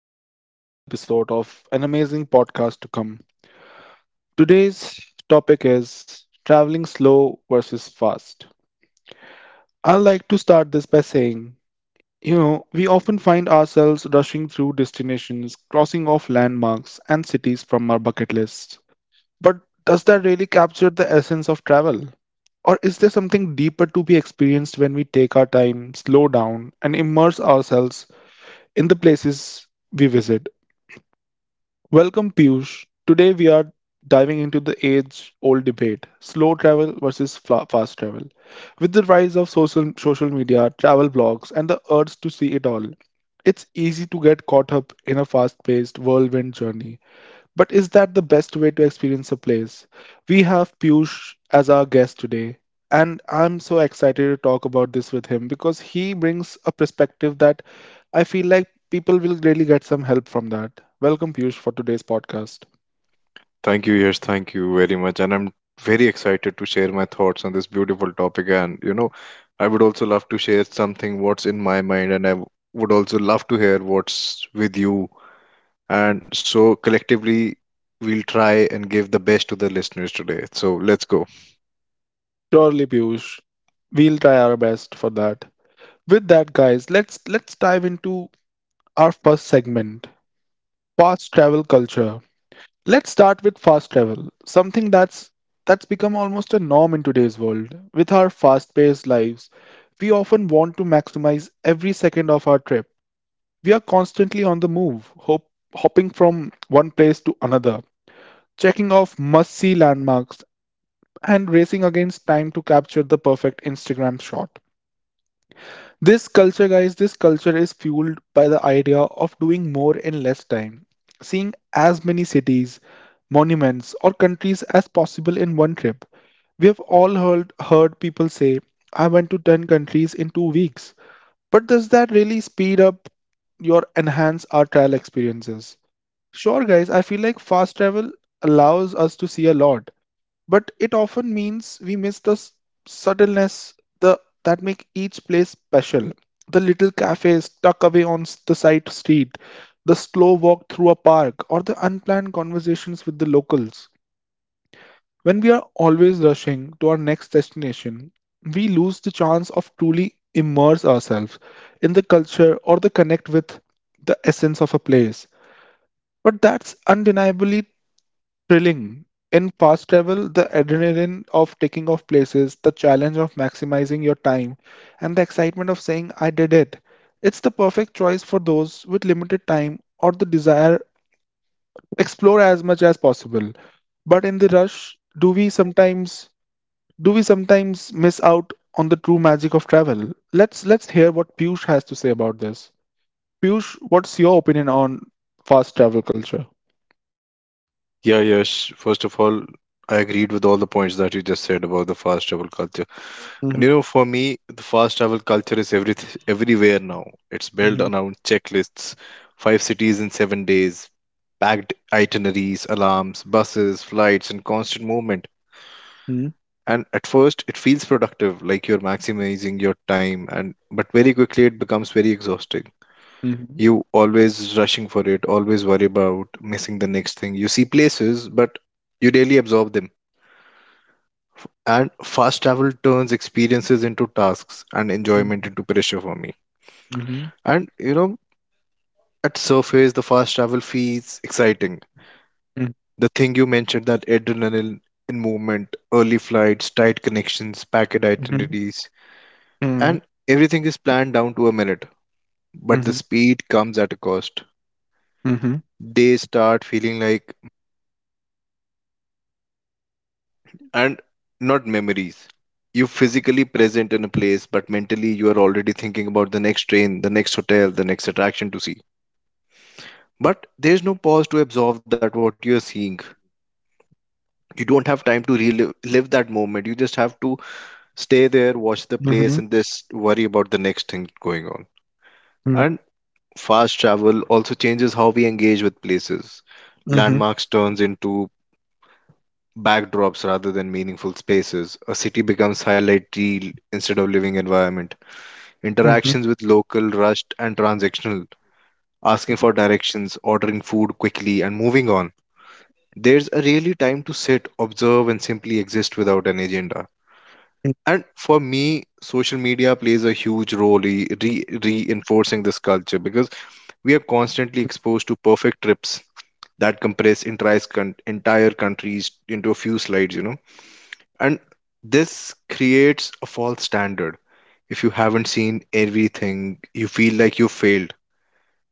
back to another episode of an amazing podcast to come. Today's topic is traveling slow versus fast. I like to start this by saying, you know, we often find ourselves rushing through destinations, crossing off landmarks and cities from our bucket lists. But does that really capture the essence of travel? Or is there something deeper to be experienced when we take our time, slow down, and immerse ourselves in the places we visit? Welcome, Piyush. Today we are diving into the age old debate, slow travel versus fast travel. With the rise of social media, travel blogs, and the urge to see it all, it's easy to get caught up in a fast paced whirlwind journey. But is that the best way to experience a place? We have Piyush as our guest today, and I'm so excited to talk about this with him because he brings a perspective that I feel like people will really get some help from that. Welcome, Piyush, for today's podcast. Thank you, Yash. Thank you very much. And I'm very excited to share my thoughts on this beautiful topic. I would also love to share something what's in my mind, and I would also love to hear what's with you. And so, collectively, we'll try and give the best to the listeners today. So, let's go. Surely, Piyush, we'll try our best for that. With that, guys, let's dive into our first segment, past travel culture. Let's start with fast travel, something that's become almost a norm in today's world. With our fast-paced lives, we often want to maximize every second of our trip. We are constantly on the move, hopping from one place to another, checking off must-see landmarks, and racing against time to capture the perfect Instagram shot. This culture, guys, this culture is fueled by the idea of doing more in less time, seeing as many cities, monuments, or countries as possible in one trip. We have all heard people say, I went to 10 countries in 2 weeks. But does that really speed up your enhance our travel experiences? Sure, guys, I feel like fast travel allows us to see a lot, but it often means we miss the subtleness the, that make each place special. The little cafes tucked away on the side street, the slow walk through a park, or the unplanned conversations with the locals. When we are always rushing to our next destination, we lose the chance of truly immerse ourselves in the culture or the connect with the essence of a place. But that's undeniably thrilling. In fast travel, the adrenaline of taking off places, the challenge of maximizing your time, and the excitement of saying, I did it. It's the perfect choice for those with limited time or the desire to explore as much as possible. But in the rush, do we sometimes miss out on the true magic of travel? Let's hear what Piyush has to say about this. Piyush, what's your opinion on fast travel culture? Yeah, Yash, first of all, I agreed with all the points that you just said about the fast travel culture. Mm-hmm, And for me, the fast travel culture is everywhere now. It's built mm-hmm, around checklists, five cities in 7 days, packed itineraries, alarms, buses, flights, and constant movement. And at first, it feels productive, like you're maximizing your time, and but very quickly it becomes very exhausting. mm-hmm, You always rushing for it, always worry about missing the next thing. You see places, but you daily absorb them. And fast travel turns experiences into tasks and enjoyment into pressure for me. mm-hmm, And you know, at surface, the fast travel feels exciting. The thing you mentioned, that adrenaline in movement, early flights, tight connections, packed mhm, itineraries, mhm, and everything is planned down to a minute. But the mhm, speed comes at a cost. mhm, Days start feeling like, and not memories. You physically present in a place, but mentally you are already thinking about the next train, the next hotel, the next attraction to see. But there's no pause to absorb that what you are seeing. You don't have time to relive live that moment. You just have to stay there, watch the place, mhm, and just worry about the next thing going on. mhm, And fast travel also changes how we engage with places. mhm, Landmarks turns into backdrops rather than meaningful spaces. A city becomes highlight reel instead of living environment. mhm, mhm, Interactions with local rushed and transactional, asking for directions, ordering food quickly, and moving on. There's a really time to sit, observe, and simply exist without an agenda. And for me, social media plays a huge role in reinforcing this culture because we are constantly exposed to perfect trips that compress entire countries into a few slides. And this creates a false standard. If you haven't seen everything, you feel like you failed.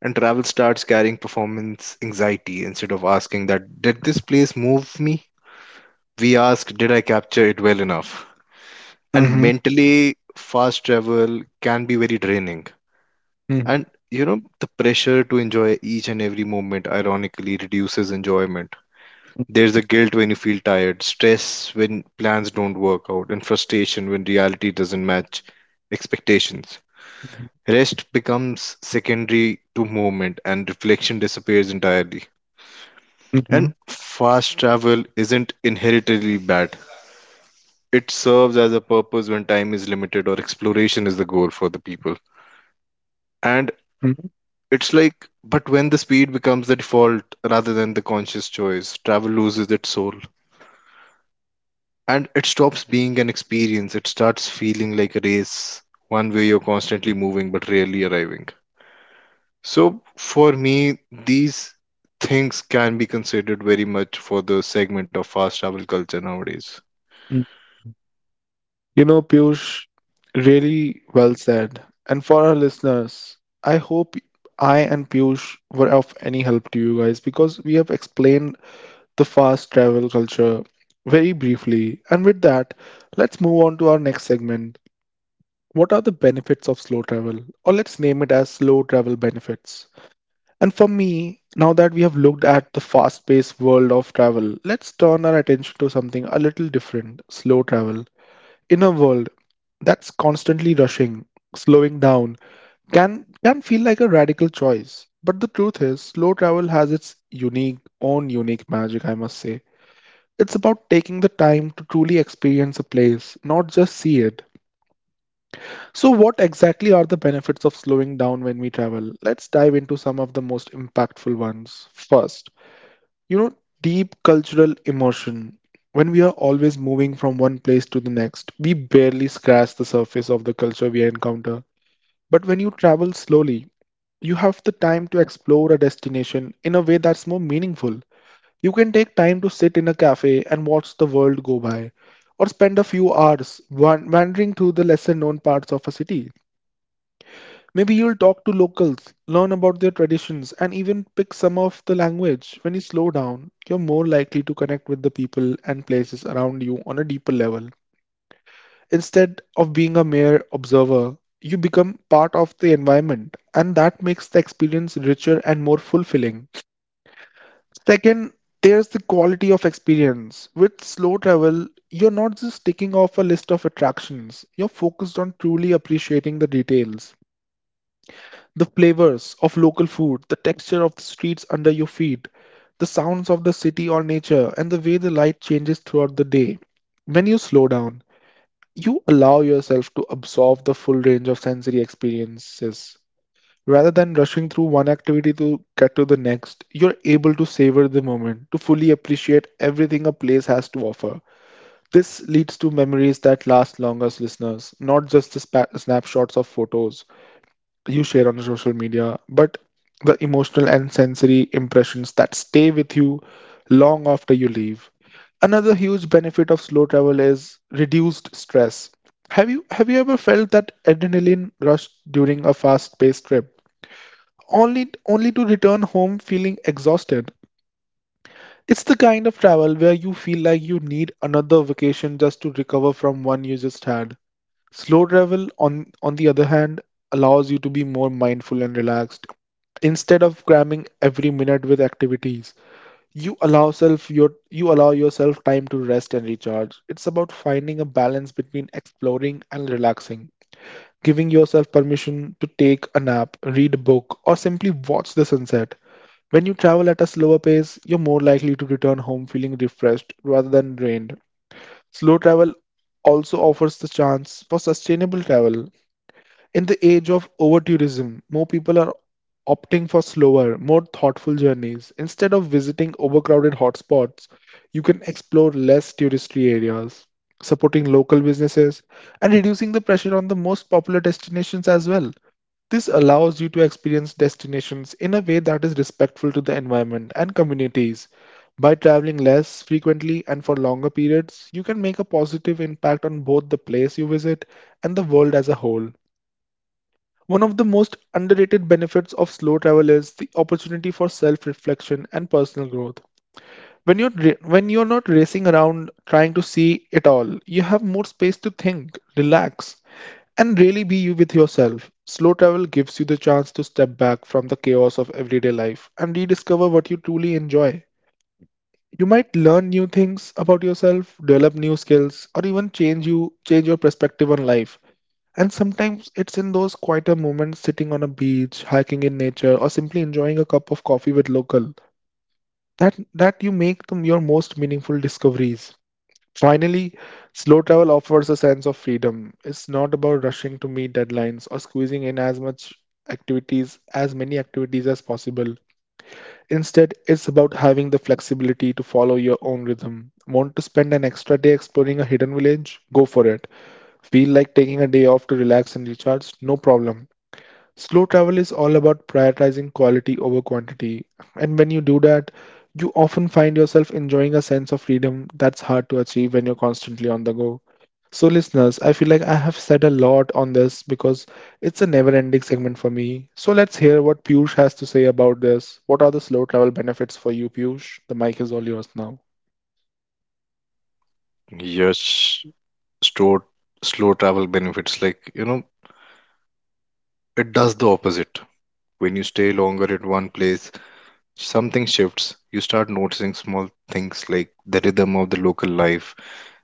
And travel starts carrying performance anxiety instead of asking that, did this place move me? We ask, did I capture it well enough? And mhm, mentally fast travel can be very draining. And you know The pressure to enjoy each and every moment ironically reduces enjoyment. There's the guilt when you feel tired, stress when plans don't work out, and frustration when reality doesn't match expectations. mhm, Rest becomes secondary to movement and reflection disappears entirely. And mhm, fast travel isn't inherently bad. It serves as a purpose when time is limited or exploration is the goal for the people. And mhm, it's like, but when the speed becomes the default rather than the conscious choice, travel loses its soul. And it stops being an experience, it starts feeling like a race, one way you're constantly moving but rarely arriving. So for me, these things can be considered very much for the segment of fast travel culture nowadays. mhm. You know, Piyush, really well said. And for our listeners, I hope I and Piyush were of any help to you guys because we have explained the fast travel culture very briefly. And with that, let's move on to our next segment. What are the benefits of slow travel? Or let's name it as slow travel benefits. And for me, now that we have looked at the fast paced world of travel, let's turn our attention to something a little different, slow travel. In a world that's constantly rushing, slowing down can feel like a radical choice. But the truth is, slow travel has its unique, own unique magic, I must say. It's about taking the time to truly experience a place, not just see it. So, what exactly are the benefits of slowing down when we travel? Let's dive into some of the most impactful ones. First, you know, deep cultural immersion. When we are always moving from one place to the next, we barely scratch the surface of the culture we encounter. But when you travel slowly, you have the time to explore a destination in a way that's more meaningful. You can take time to sit in a cafe and watch the world go by, or spend a few hours wandering through the lesser known parts of a city. Maybe you'll talk to locals, learn about their traditions, and even pick some of the language. When you slow down, you're more likely to connect with the people and places around you on a deeper level. Instead of being a mere observer, you become part of the environment, and that makes the experience richer and more fulfilling. Second, there's the quality of experience. With slow travel, you're not just ticking off a list of attractions, you're focused on truly appreciating the details. The flavors of local food, the texture of the streets under your feet, the sounds of the city or nature, and the way the light changes throughout the day. When you slow down, you allow yourself to absorb the full range of sensory experiences. Rather than rushing through one activity to get to the next, you're able to savor the moment, to fully appreciate everything a place has to offer. This leads to memories that last longest, listeners, not just the snapshots of photos you share on social media, but the emotional and sensory impressions that stay with you long after you leave. Another huge benefit of slow travel is reduced stress. Have you ever felt that adrenaline rush during a fast-paced trip, only to return home feeling exhausted? It's the kind of travel where you feel like you need another vacation just to recover from one you just had. Slow travel, on the other hand, allows you to be more mindful and relaxed instead of cramming every minute with activities. you allow self your you allow yourself time to rest and recharge. It's about finding a balance between exploring and relaxing, giving yourself permission to take a nap, read a book, or simply watch the sunset. When you travel at a slower pace, you're more likely to return home feeling refreshed rather than drained. Slow travel also offers the chance for sustainable travel. In the age of overtourism, more people are opting for slower, more thoughtful journeys. Instead of visiting overcrowded hotspots, you can explore less touristy areas, supporting local businesses and reducing the pressure on the most popular destinations as well. This allows you to experience destinations in a way that is respectful to the environment and communities. By traveling less frequently and for longer periods, you can make a positive impact on both the place you visit and the world as a whole. One of the most underrated benefits of slow travel is the opportunity for self-reflection and personal growth. When you're not racing around trying to see it all, you have more space to think, relax, and really be you with yourself. Slow travel gives you the chance to step back from the chaos of everyday life and rediscover what you truly enjoy. You might learn new things about yourself, develop new skills, or even change your perspective on life. And sometimes it's in those quieter moments, sitting on a beach, hiking in nature, or simply enjoying a cup of coffee with local, that you make your most meaningful discoveries. Finally, slow travel offers a sense of freedom. It's not about rushing to meet deadlines or squeezing in as much activities as many activities as possible. Instead, it's about having the flexibility to follow your own rhythm. Want to spend an extra day exploring a hidden village? Go for it. Feel like taking a day off to relax and recharge? No problem. Slow travel is all about prioritizing quality over quantity, and when you do that, you often find yourself enjoying a sense of freedom that's hard to achieve when you're constantly on the go. So, listeners, I feel like I have said a lot on this because it's a never ending segment for me. So, let's hear what Piyush has to say about this. What are the slow travel benefits for you, Piyush? The mic is all yours now. Yes, slow, slow travel benefits, like, it does the opposite. When you stay longer at one place, something shifts. You start noticing small things like the rhythm of the local life,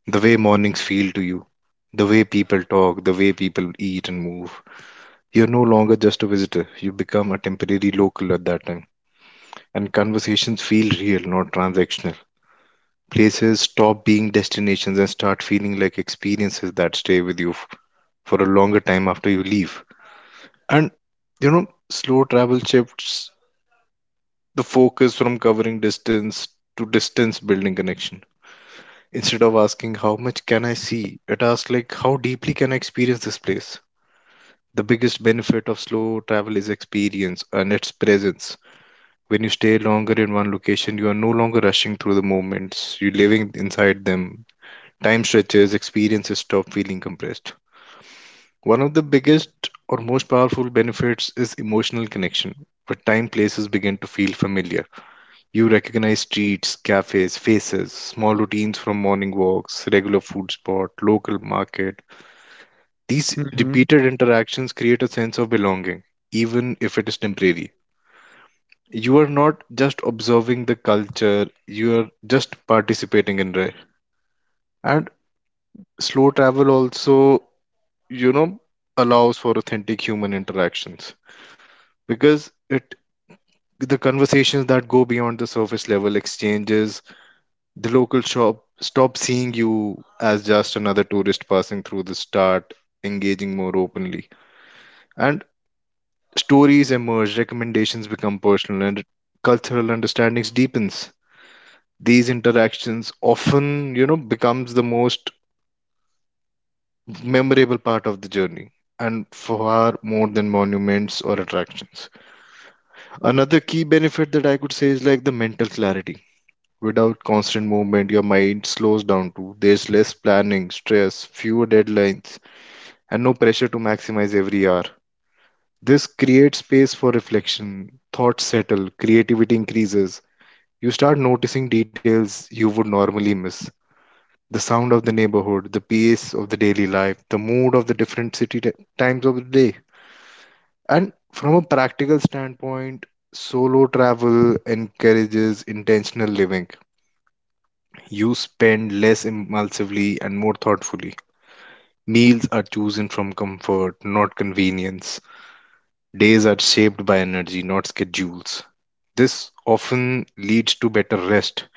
the way mornings feel to you, the way people talk, the way people eat and move. You're no longer just a visitor, you become a temporary local at that time. And conversations feel real, not transactional. Places stop being destinations and start feeling like experiences that stay with you for a longer time after you leave. And Slow travel shifts the focus from covering distance to distance building connection. Instead of asking how much can I see, it asks like how deeply can I experience this place. The biggest benefit of slow travel is experience and its presence. When you stay longer in one location, you are no longer rushing through the moments, you're living inside them. Time stretches, experiences stop feeling compressed. One of the biggest or most powerful benefits is emotional connection, where time places begin to feel familiar. You recognize streets, cafes, faces, small routines from morning walks, regular food spot, local market. These Mhm. repeated interactions create a sense of belonging, even if it is temporary. You are not just observing the culture, you are just participating in it. And slow travel also, you know, allows for authentic human interactions because it the conversations that go beyond the surface level exchanges. The local shop stop seeing you as just another tourist passing through the start engaging more openly. And stories emerge, recommendations become personal, and cultural understandings deepens. These interactions often, becomes the most memorable part of the journey and far more than monuments or attractions. Another key benefit that I could say is like the mental clarity. Without constant movement, your mind slows down too. There's less planning, stress, fewer deadlines, and no pressure to maximize every hour. This creates space for reflection, thoughts settle, creativity increases. You start noticing details you would normally miss, the sound of the neighborhood, the pace of the daily life, the mood of the different city times of the day. And from a practical standpoint, solo travel encourages intentional living. You spend less impulsively and more thoughtfully. Meals are chosen from comfort, not convenience. Days are shaped by energy, not schedules. This often leads to better rest,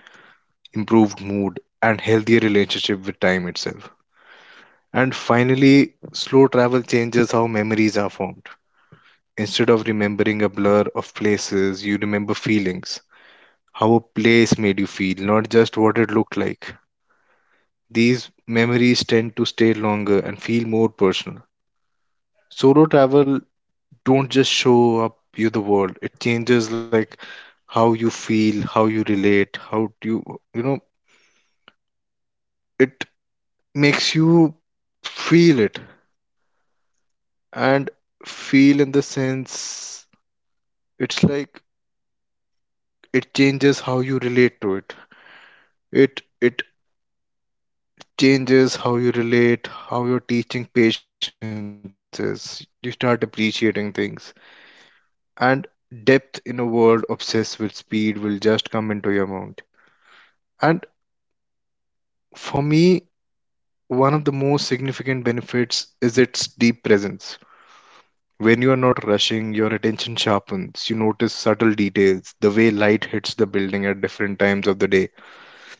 improved mood, and healthier relationship with time itself. And finally, slow travel changes how memories are formed. Instead of remembering a blur of places, you remember feelings, how a place made you feel, not just what it looked like. These memories tend to stay longer and feel more personal. Solo travel don't just show up you the world. It changes like how you feel, how you relate, how do you you know it makes you feel it. And feel in the sense, it's like, it changes how you relate to it changes how you relate, how your teaching patience is. You start appreciating things and depth in a world obsessed with speed will just come into your mind. And for me, one of the most significant benefits is its deep presence. When you are not rushing, your attention sharpens. You notice subtle details, the way light hits the building at different times of the day,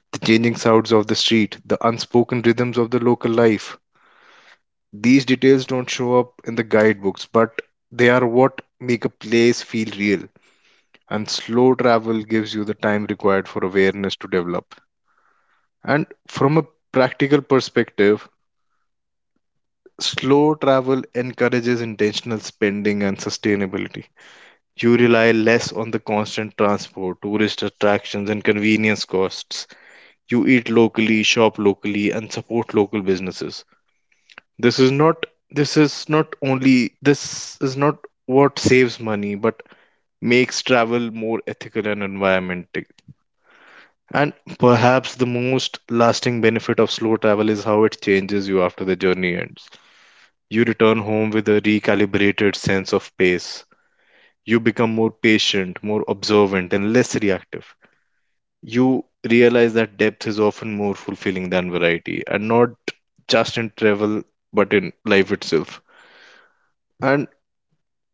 the changing sounds of the street, the unspoken rhythms of the local life. These details don't show up in the guidebooks, but they are what make a place feel real. And slow travel gives you the time required for awareness to develop. And from a practical perspective, slow travel encourages intentional spending and sustainability. You rely less on the constant transport, tourist attractions, and convenience costs. You eat locally, shop locally, and support local businesses. This is not this is not only this is not what saves money but makes travel more ethical and environmental. And perhaps the most lasting benefit of slow travel is how it changes you after the journey ends. You return home with a recalibrated sense of pace. You become more patient, more observant, and less reactive. You realize that depth is often more fulfilling than variety, and not just in travel, but in life itself. And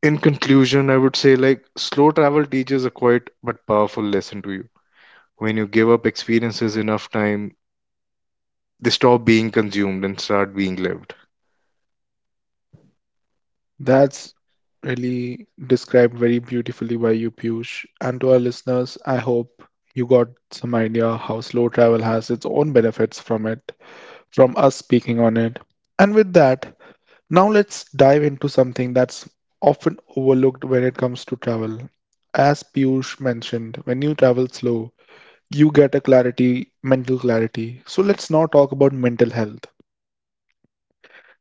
in conclusion, I would say like slow travel teaches a quiet but powerful lesson to you. When you give up experiences enough time, they stop being consumed and start being lived. That's really described very beautifully by you, Piyush. And to our listeners, I hope you got some idea how slow travel has its own benefits from it, from us speaking on it. And with that, now let's dive into something that's often overlooked when it comes to travel. As Piyush mentioned, when you travel slow, you get a clarity, mental clarity. So let's now talk about mental health.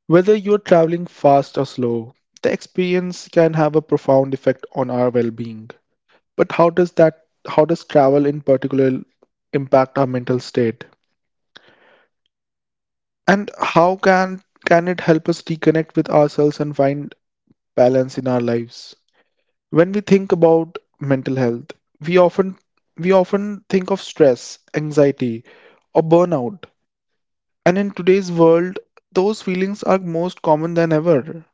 Whether you're traveling fast or slow, the experience can have a profound effect on our well-being. But how does travel in particular impact our mental state? And how can it help us reconnect with ourselves and find balance in our lives? When we think about mental health, we often we often think of stress, anxiety, or burnout. And in today's world, those feelings are most common than ever.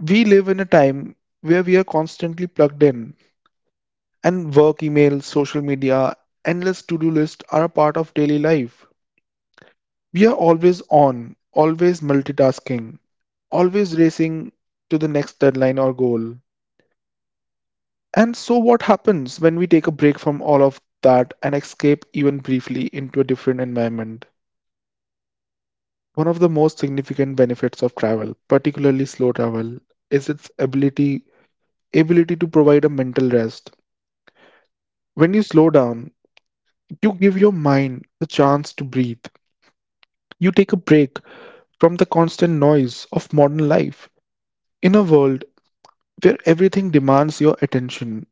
We live in a time where we are constantly plugged in, and work emails, social media, endless to do lists are a part of daily life. We are always on, always multitasking, always racing to the next deadline or goal. And so, what happens when we take a break from all of that and escape even briefly into a different environment? One of the most significant benefits of travel, particularly slow travel, is its ability to provide a mental rest. When you slow down, you give your mind the chance to breathe. You take a break from the constant noise of modern life. In a world where everything demands your attention,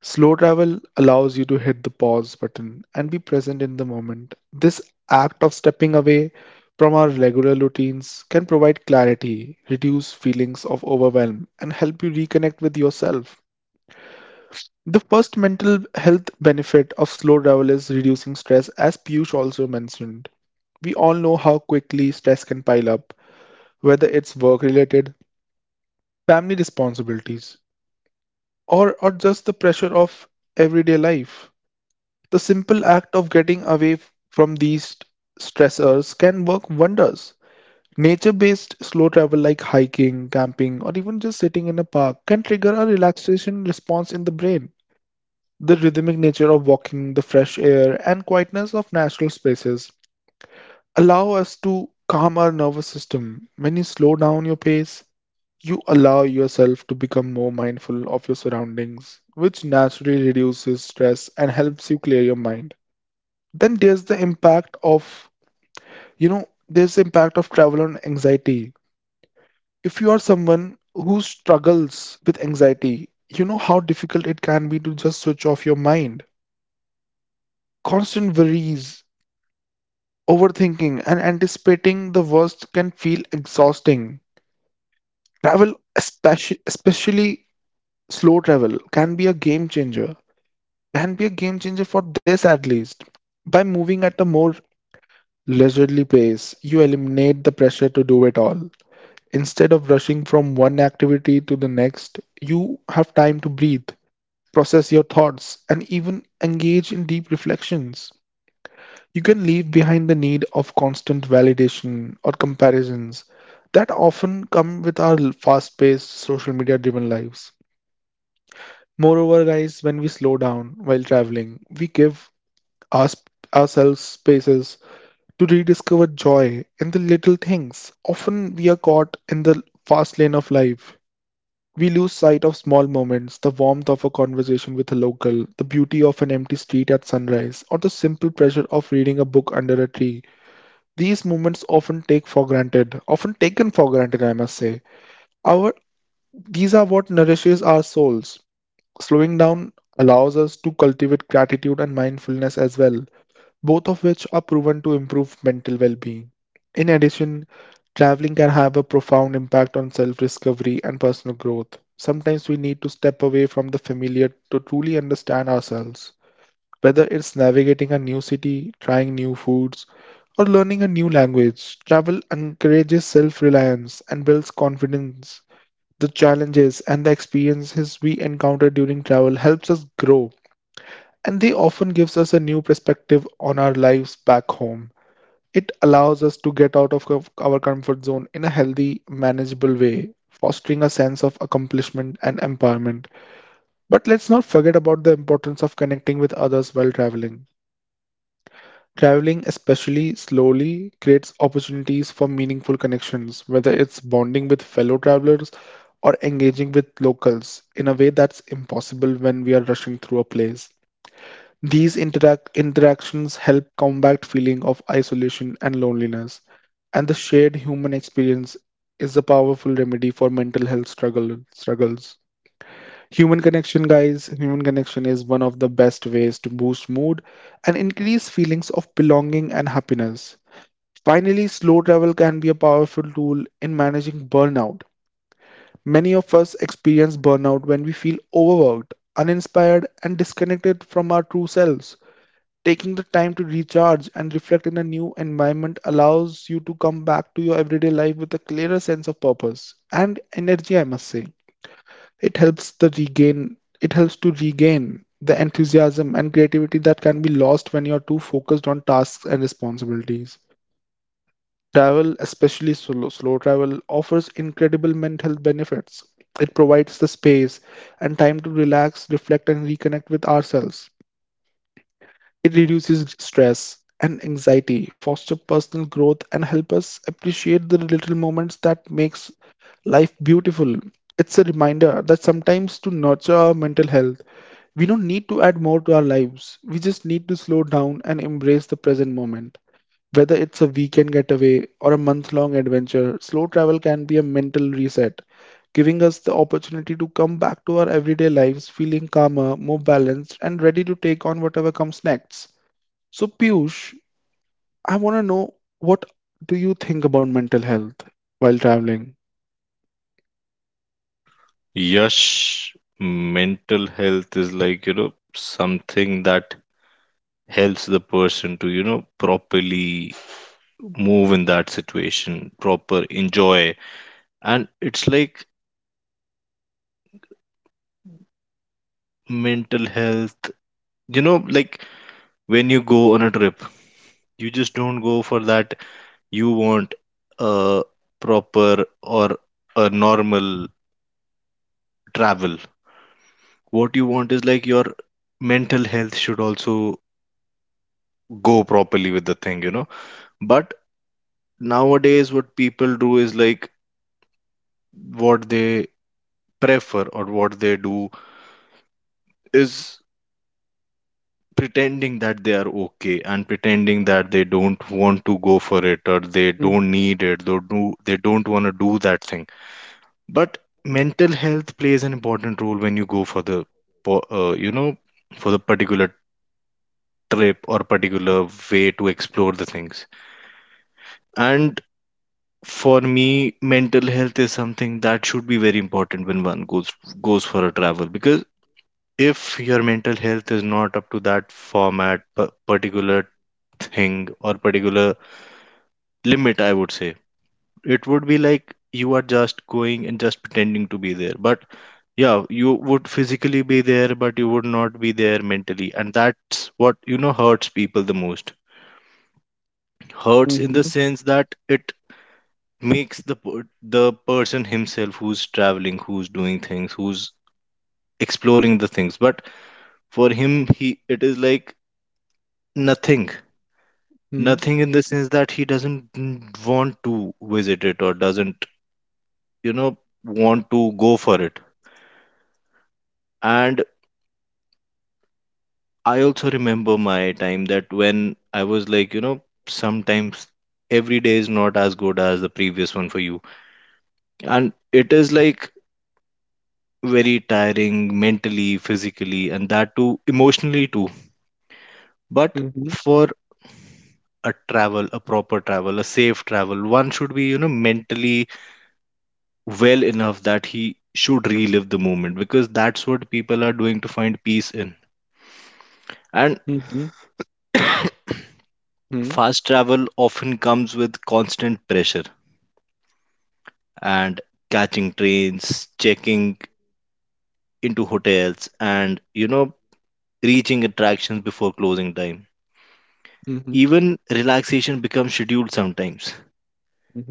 slow travel allows you to hit the pause button and be present in the moment. This act of stepping away from our regular routines can provide clarity, reduce feelings of overwhelm, and help you reconnect with yourself. The first mental health benefit of slow travel is reducing stress, as Piyush also mentioned. We all know how quickly stress can pile up, whether it's work related, family responsibilities, or just the pressure of everyday life. The simple act of getting away from these stressors can work wonders. Nature based slow travel like hiking, camping, or even just sitting in a park can trigger a relaxation response in the brain. The rhythmic nature of walking, the fresh air, and quietness of natural spaces allow us to calm our nervous system. When you slow down your pace, you allow yourself to become more mindful of your surroundings, which naturally reduces stress and helps you clear your mind. Then there's the impact of travel on anxiety. If you are someone who struggles with anxiety, you know how difficult it can be to just switch off your mind. Constant worries, overthinking, and anticipating the worst can feel exhausting. Travel, especially slow travel, can be a game changer. Can be a game changer for this at least. By moving at a more leisurely pace, you eliminate the pressure to do it all. Instead of rushing from one activity to the next, you have time to breathe, process your thoughts, and even engage in deep reflections. You can leave behind the need of constant validation or comparisons that often come with our fast paced, social media driven lives. Moreover, guys, when we slow down while traveling, we give us, ourselves spaces to rediscover joy in the little things. Often we are caught in the fast lane of life. We lose sight of small moments, the warmth of a conversation with a local, the beauty of an empty street at sunrise, or the simple pleasure of reading a book under a tree. These moments often often taken for granted, I must say. Our These are what nourishes our souls. Slowing down allows us to cultivate gratitude and mindfulness as well, both of which are proven to improve mental well being. In addition, traveling can have a profound impact on self discovery and personal growth. Sometimes we need to step away from the familiar to truly understand ourselves. Whether it's navigating a new city, trying new foods, or learning a new language, travel encourages self reliance and builds confidence. The challenges and the experiences we encounter during travel helps us grow, and they often gives us a new perspective on our lives back home. It allows us to get out of our comfort zone in a healthy manageable way, fostering a sense of accomplishment and empowerment. But let's not forget about the importance of connecting with others while traveling. Traveling, especially slowly, creates opportunities for meaningful connections, whether it's bonding with fellow travelers or engaging with locals in a way that's impossible when we are rushing through a place. These interactions help combat feeling of isolation and loneliness, and the shared human experience is a powerful remedy for mental health struggles. Human connection, guys, human connection is one of the best ways to boost mood and increase feelings of belonging and happiness. Finally, slow travel can be a powerful tool in managing burnout. Many of us experience burnout when we feel overworked, uninspired, and disconnected from our true selves. Taking the time to recharge and reflect in a new environment allows you to come back to your everyday life with a clearer sense of purpose and energy, I must say. It helps to regain the enthusiasm and creativity that can be lost when you're too focused on tasks and responsibilities. Travel, especially solo, slow travel, offers incredible mental health benefits. It provides the space and time to relax, reflect, and reconnect with ourselves. It reduces stress and anxiety, foster personal growth, and help us appreciate the little moments that makes life beautiful. It's a reminder that sometimes to nurture our mental health, we don't need to add more to our lives. We just need to slow down and embrace the present moment. Whether it's a weekend getaway or a month long adventure, slow travel can be a mental reset, giving us the opportunity to come back to our everyday lives feeling calmer, more balanced, and ready to take on whatever comes next. So, Piyush, I want to know what do you think about mental health while traveling? Yash, mental health is like, something that helps the person to properly move in that situation, proper enjoy. And it's like mental health, like, when you go on a trip, you just don't go for that. You want a proper or a normal travel. What you want is like your mental health should also go properly with the thing. But nowadays what people do is like, what they prefer or what they do is pretending that they are okay and pretending that they don't want to go for it or they Hm. don't need it, they don't want to do that thing. But mental health plays an important role when you go for the for, you know for the particular trip or particular way to explore the things. And for me, mental health is something that should be very important when one goes for a travel, because if your mental health is not up to that format particular thing or particular limit, I would say, it would be like you are just going and just pretending to be there. But yeah, you would physically be there, but you would not be there mentally, and that's what hurts people the most. Hurts in the Mhm, sense that it makes the the person himself who's traveling, who's doing things, who's exploring the things, but for him, he it is like nothing. mhm, Nothing in the sense that he doesn't want to visit it or doesn't, you know, want to go for it. And I also remember my time that when I was like, sometimes every day is not as good as the previous one for you. And it is like very tiring mentally, physically, and that too emotionally too. But mhm, mhm, for a travel, a proper travel, a safe travel, one should be, mentally well enough that he should relive the moment, because that's what people are doing to find peace in. And mhm, mhm, fast travel often comes with constant pressure and catching trains, checking into hotels, and reaching attractions before closing time. mhm, Even relaxation becomes scheduled sometimes. mhm,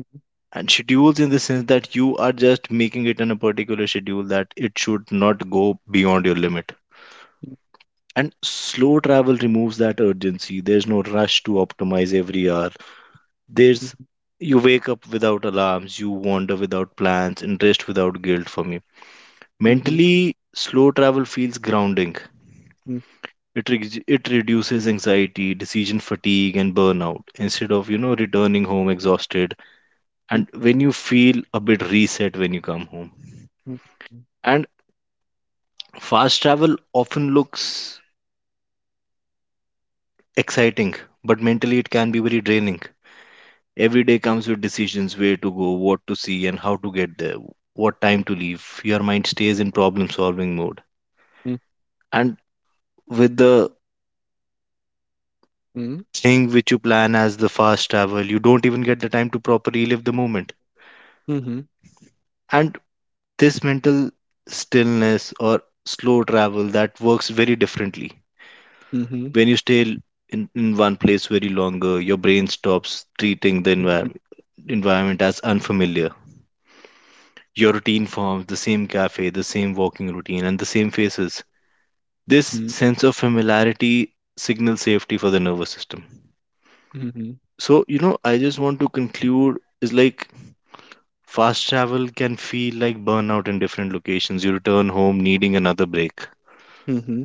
And schedules in the sense that you are just making it in a particular schedule that it should not go beyond your limit. And slow travel removes that urgency. There's no rush to optimize every hour. There's You wake up without alarms, you wander without plans, and rest without guilt for me. mhm, mhm, Mentally, slow travel feels grounding. mhm, It reduces anxiety, decision fatigue, and burnout instead of, returning home exhausted, mhm, and when you feel a bit reset when you come home. mhm, And fast travel often looks exciting, but mentally it can be very draining. Every day comes with decisions where to go, what to see, and how to get there, what time to leave. Your mind stays in problem solving mode. And with the mhm, thing which you plan as the fast travel, you don't even get the time to properly live the moment. mhm, And this mental stillness or slow travel that works very differently. mhm, When you stay in one place very longer, your brain stops treating the environment as unfamiliar. Your routine forms the same cafe, the same walking routine, and the same faces. This sense of familiarity signals safety for the nervous system. So, I just want to conclude is like fast travel can feel like burnout in different locations. You return home needing another break. mhm,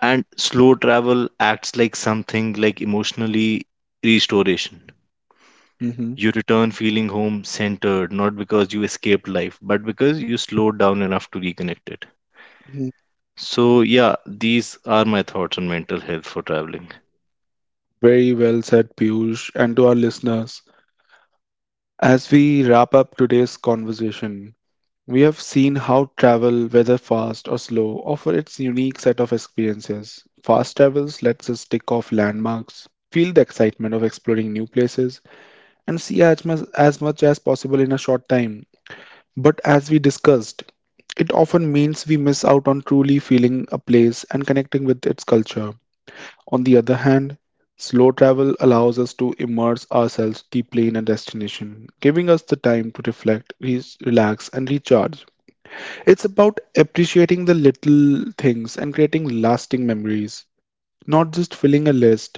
And slow travel acts like something like emotionally restoration. mhm, You return feeling home centered, not because you escaped life, but because you slowed down enough to reconnect it. mhm. So, yeah, these are my thoughts on mental health for traveling. Very well said, Piyush, and to our listeners. As we wrap up today's conversation, we have seen how travel, whether fast or slow, offer its unique set of experiences. Fast travels lets us tick off landmarks, feel the excitement of exploring new places, and see as much as possible in a short time. But as we discussed, it often means we miss out on truly feeling a place and connecting with its culture. On the other hand, slow travel allows us to immerse ourselves deeply in a destination, giving us the time to reflect, relax, and recharge. It's about appreciating the little things and creating lasting memories, not just filling a list.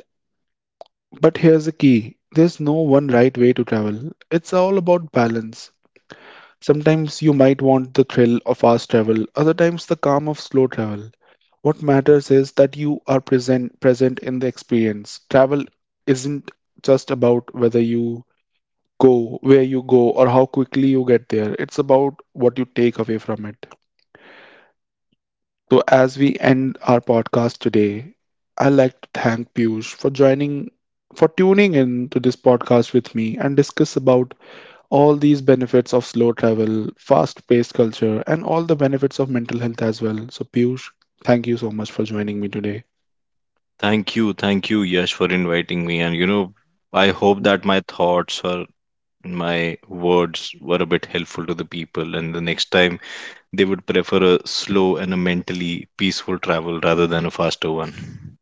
But here's the key, there's no one right way to travel, it's all about balance. Sometimes you might want the thrill of fast travel, other times the calm of slow travel. What matters is that you are present in the experience. Travel isn't just about whether you go, where you go, or how quickly you get there. It's about what you take away from it. So as we end our podcast today, I'd like to thank Piyush for joining for tuning in to this podcast with me and discuss about all these benefits of slow travel, fast paced culture, and all the benefits of mental health as well. So, Piyush, thank you so much for joining me today. Thank you, Yash, for inviting me. I hope that my thoughts or my words were a bit helpful to the people, and the next time they would prefer a slow and a mentally peaceful travel rather than a faster one.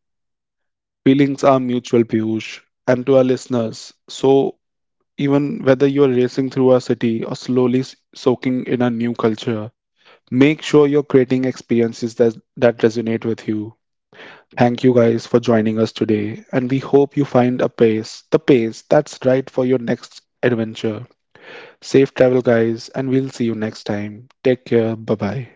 Feelings are mutual, Piyush. And to our listeners, so even whether you are racing through a city or slowly soaking in a new culture, make sure you're creating experiences that resonate with you. Thank you guys for joining us today, and we hope you find the pace that's right for your next adventure. Safe travel, guys, and we'll see you next time. Take care. Bye bye.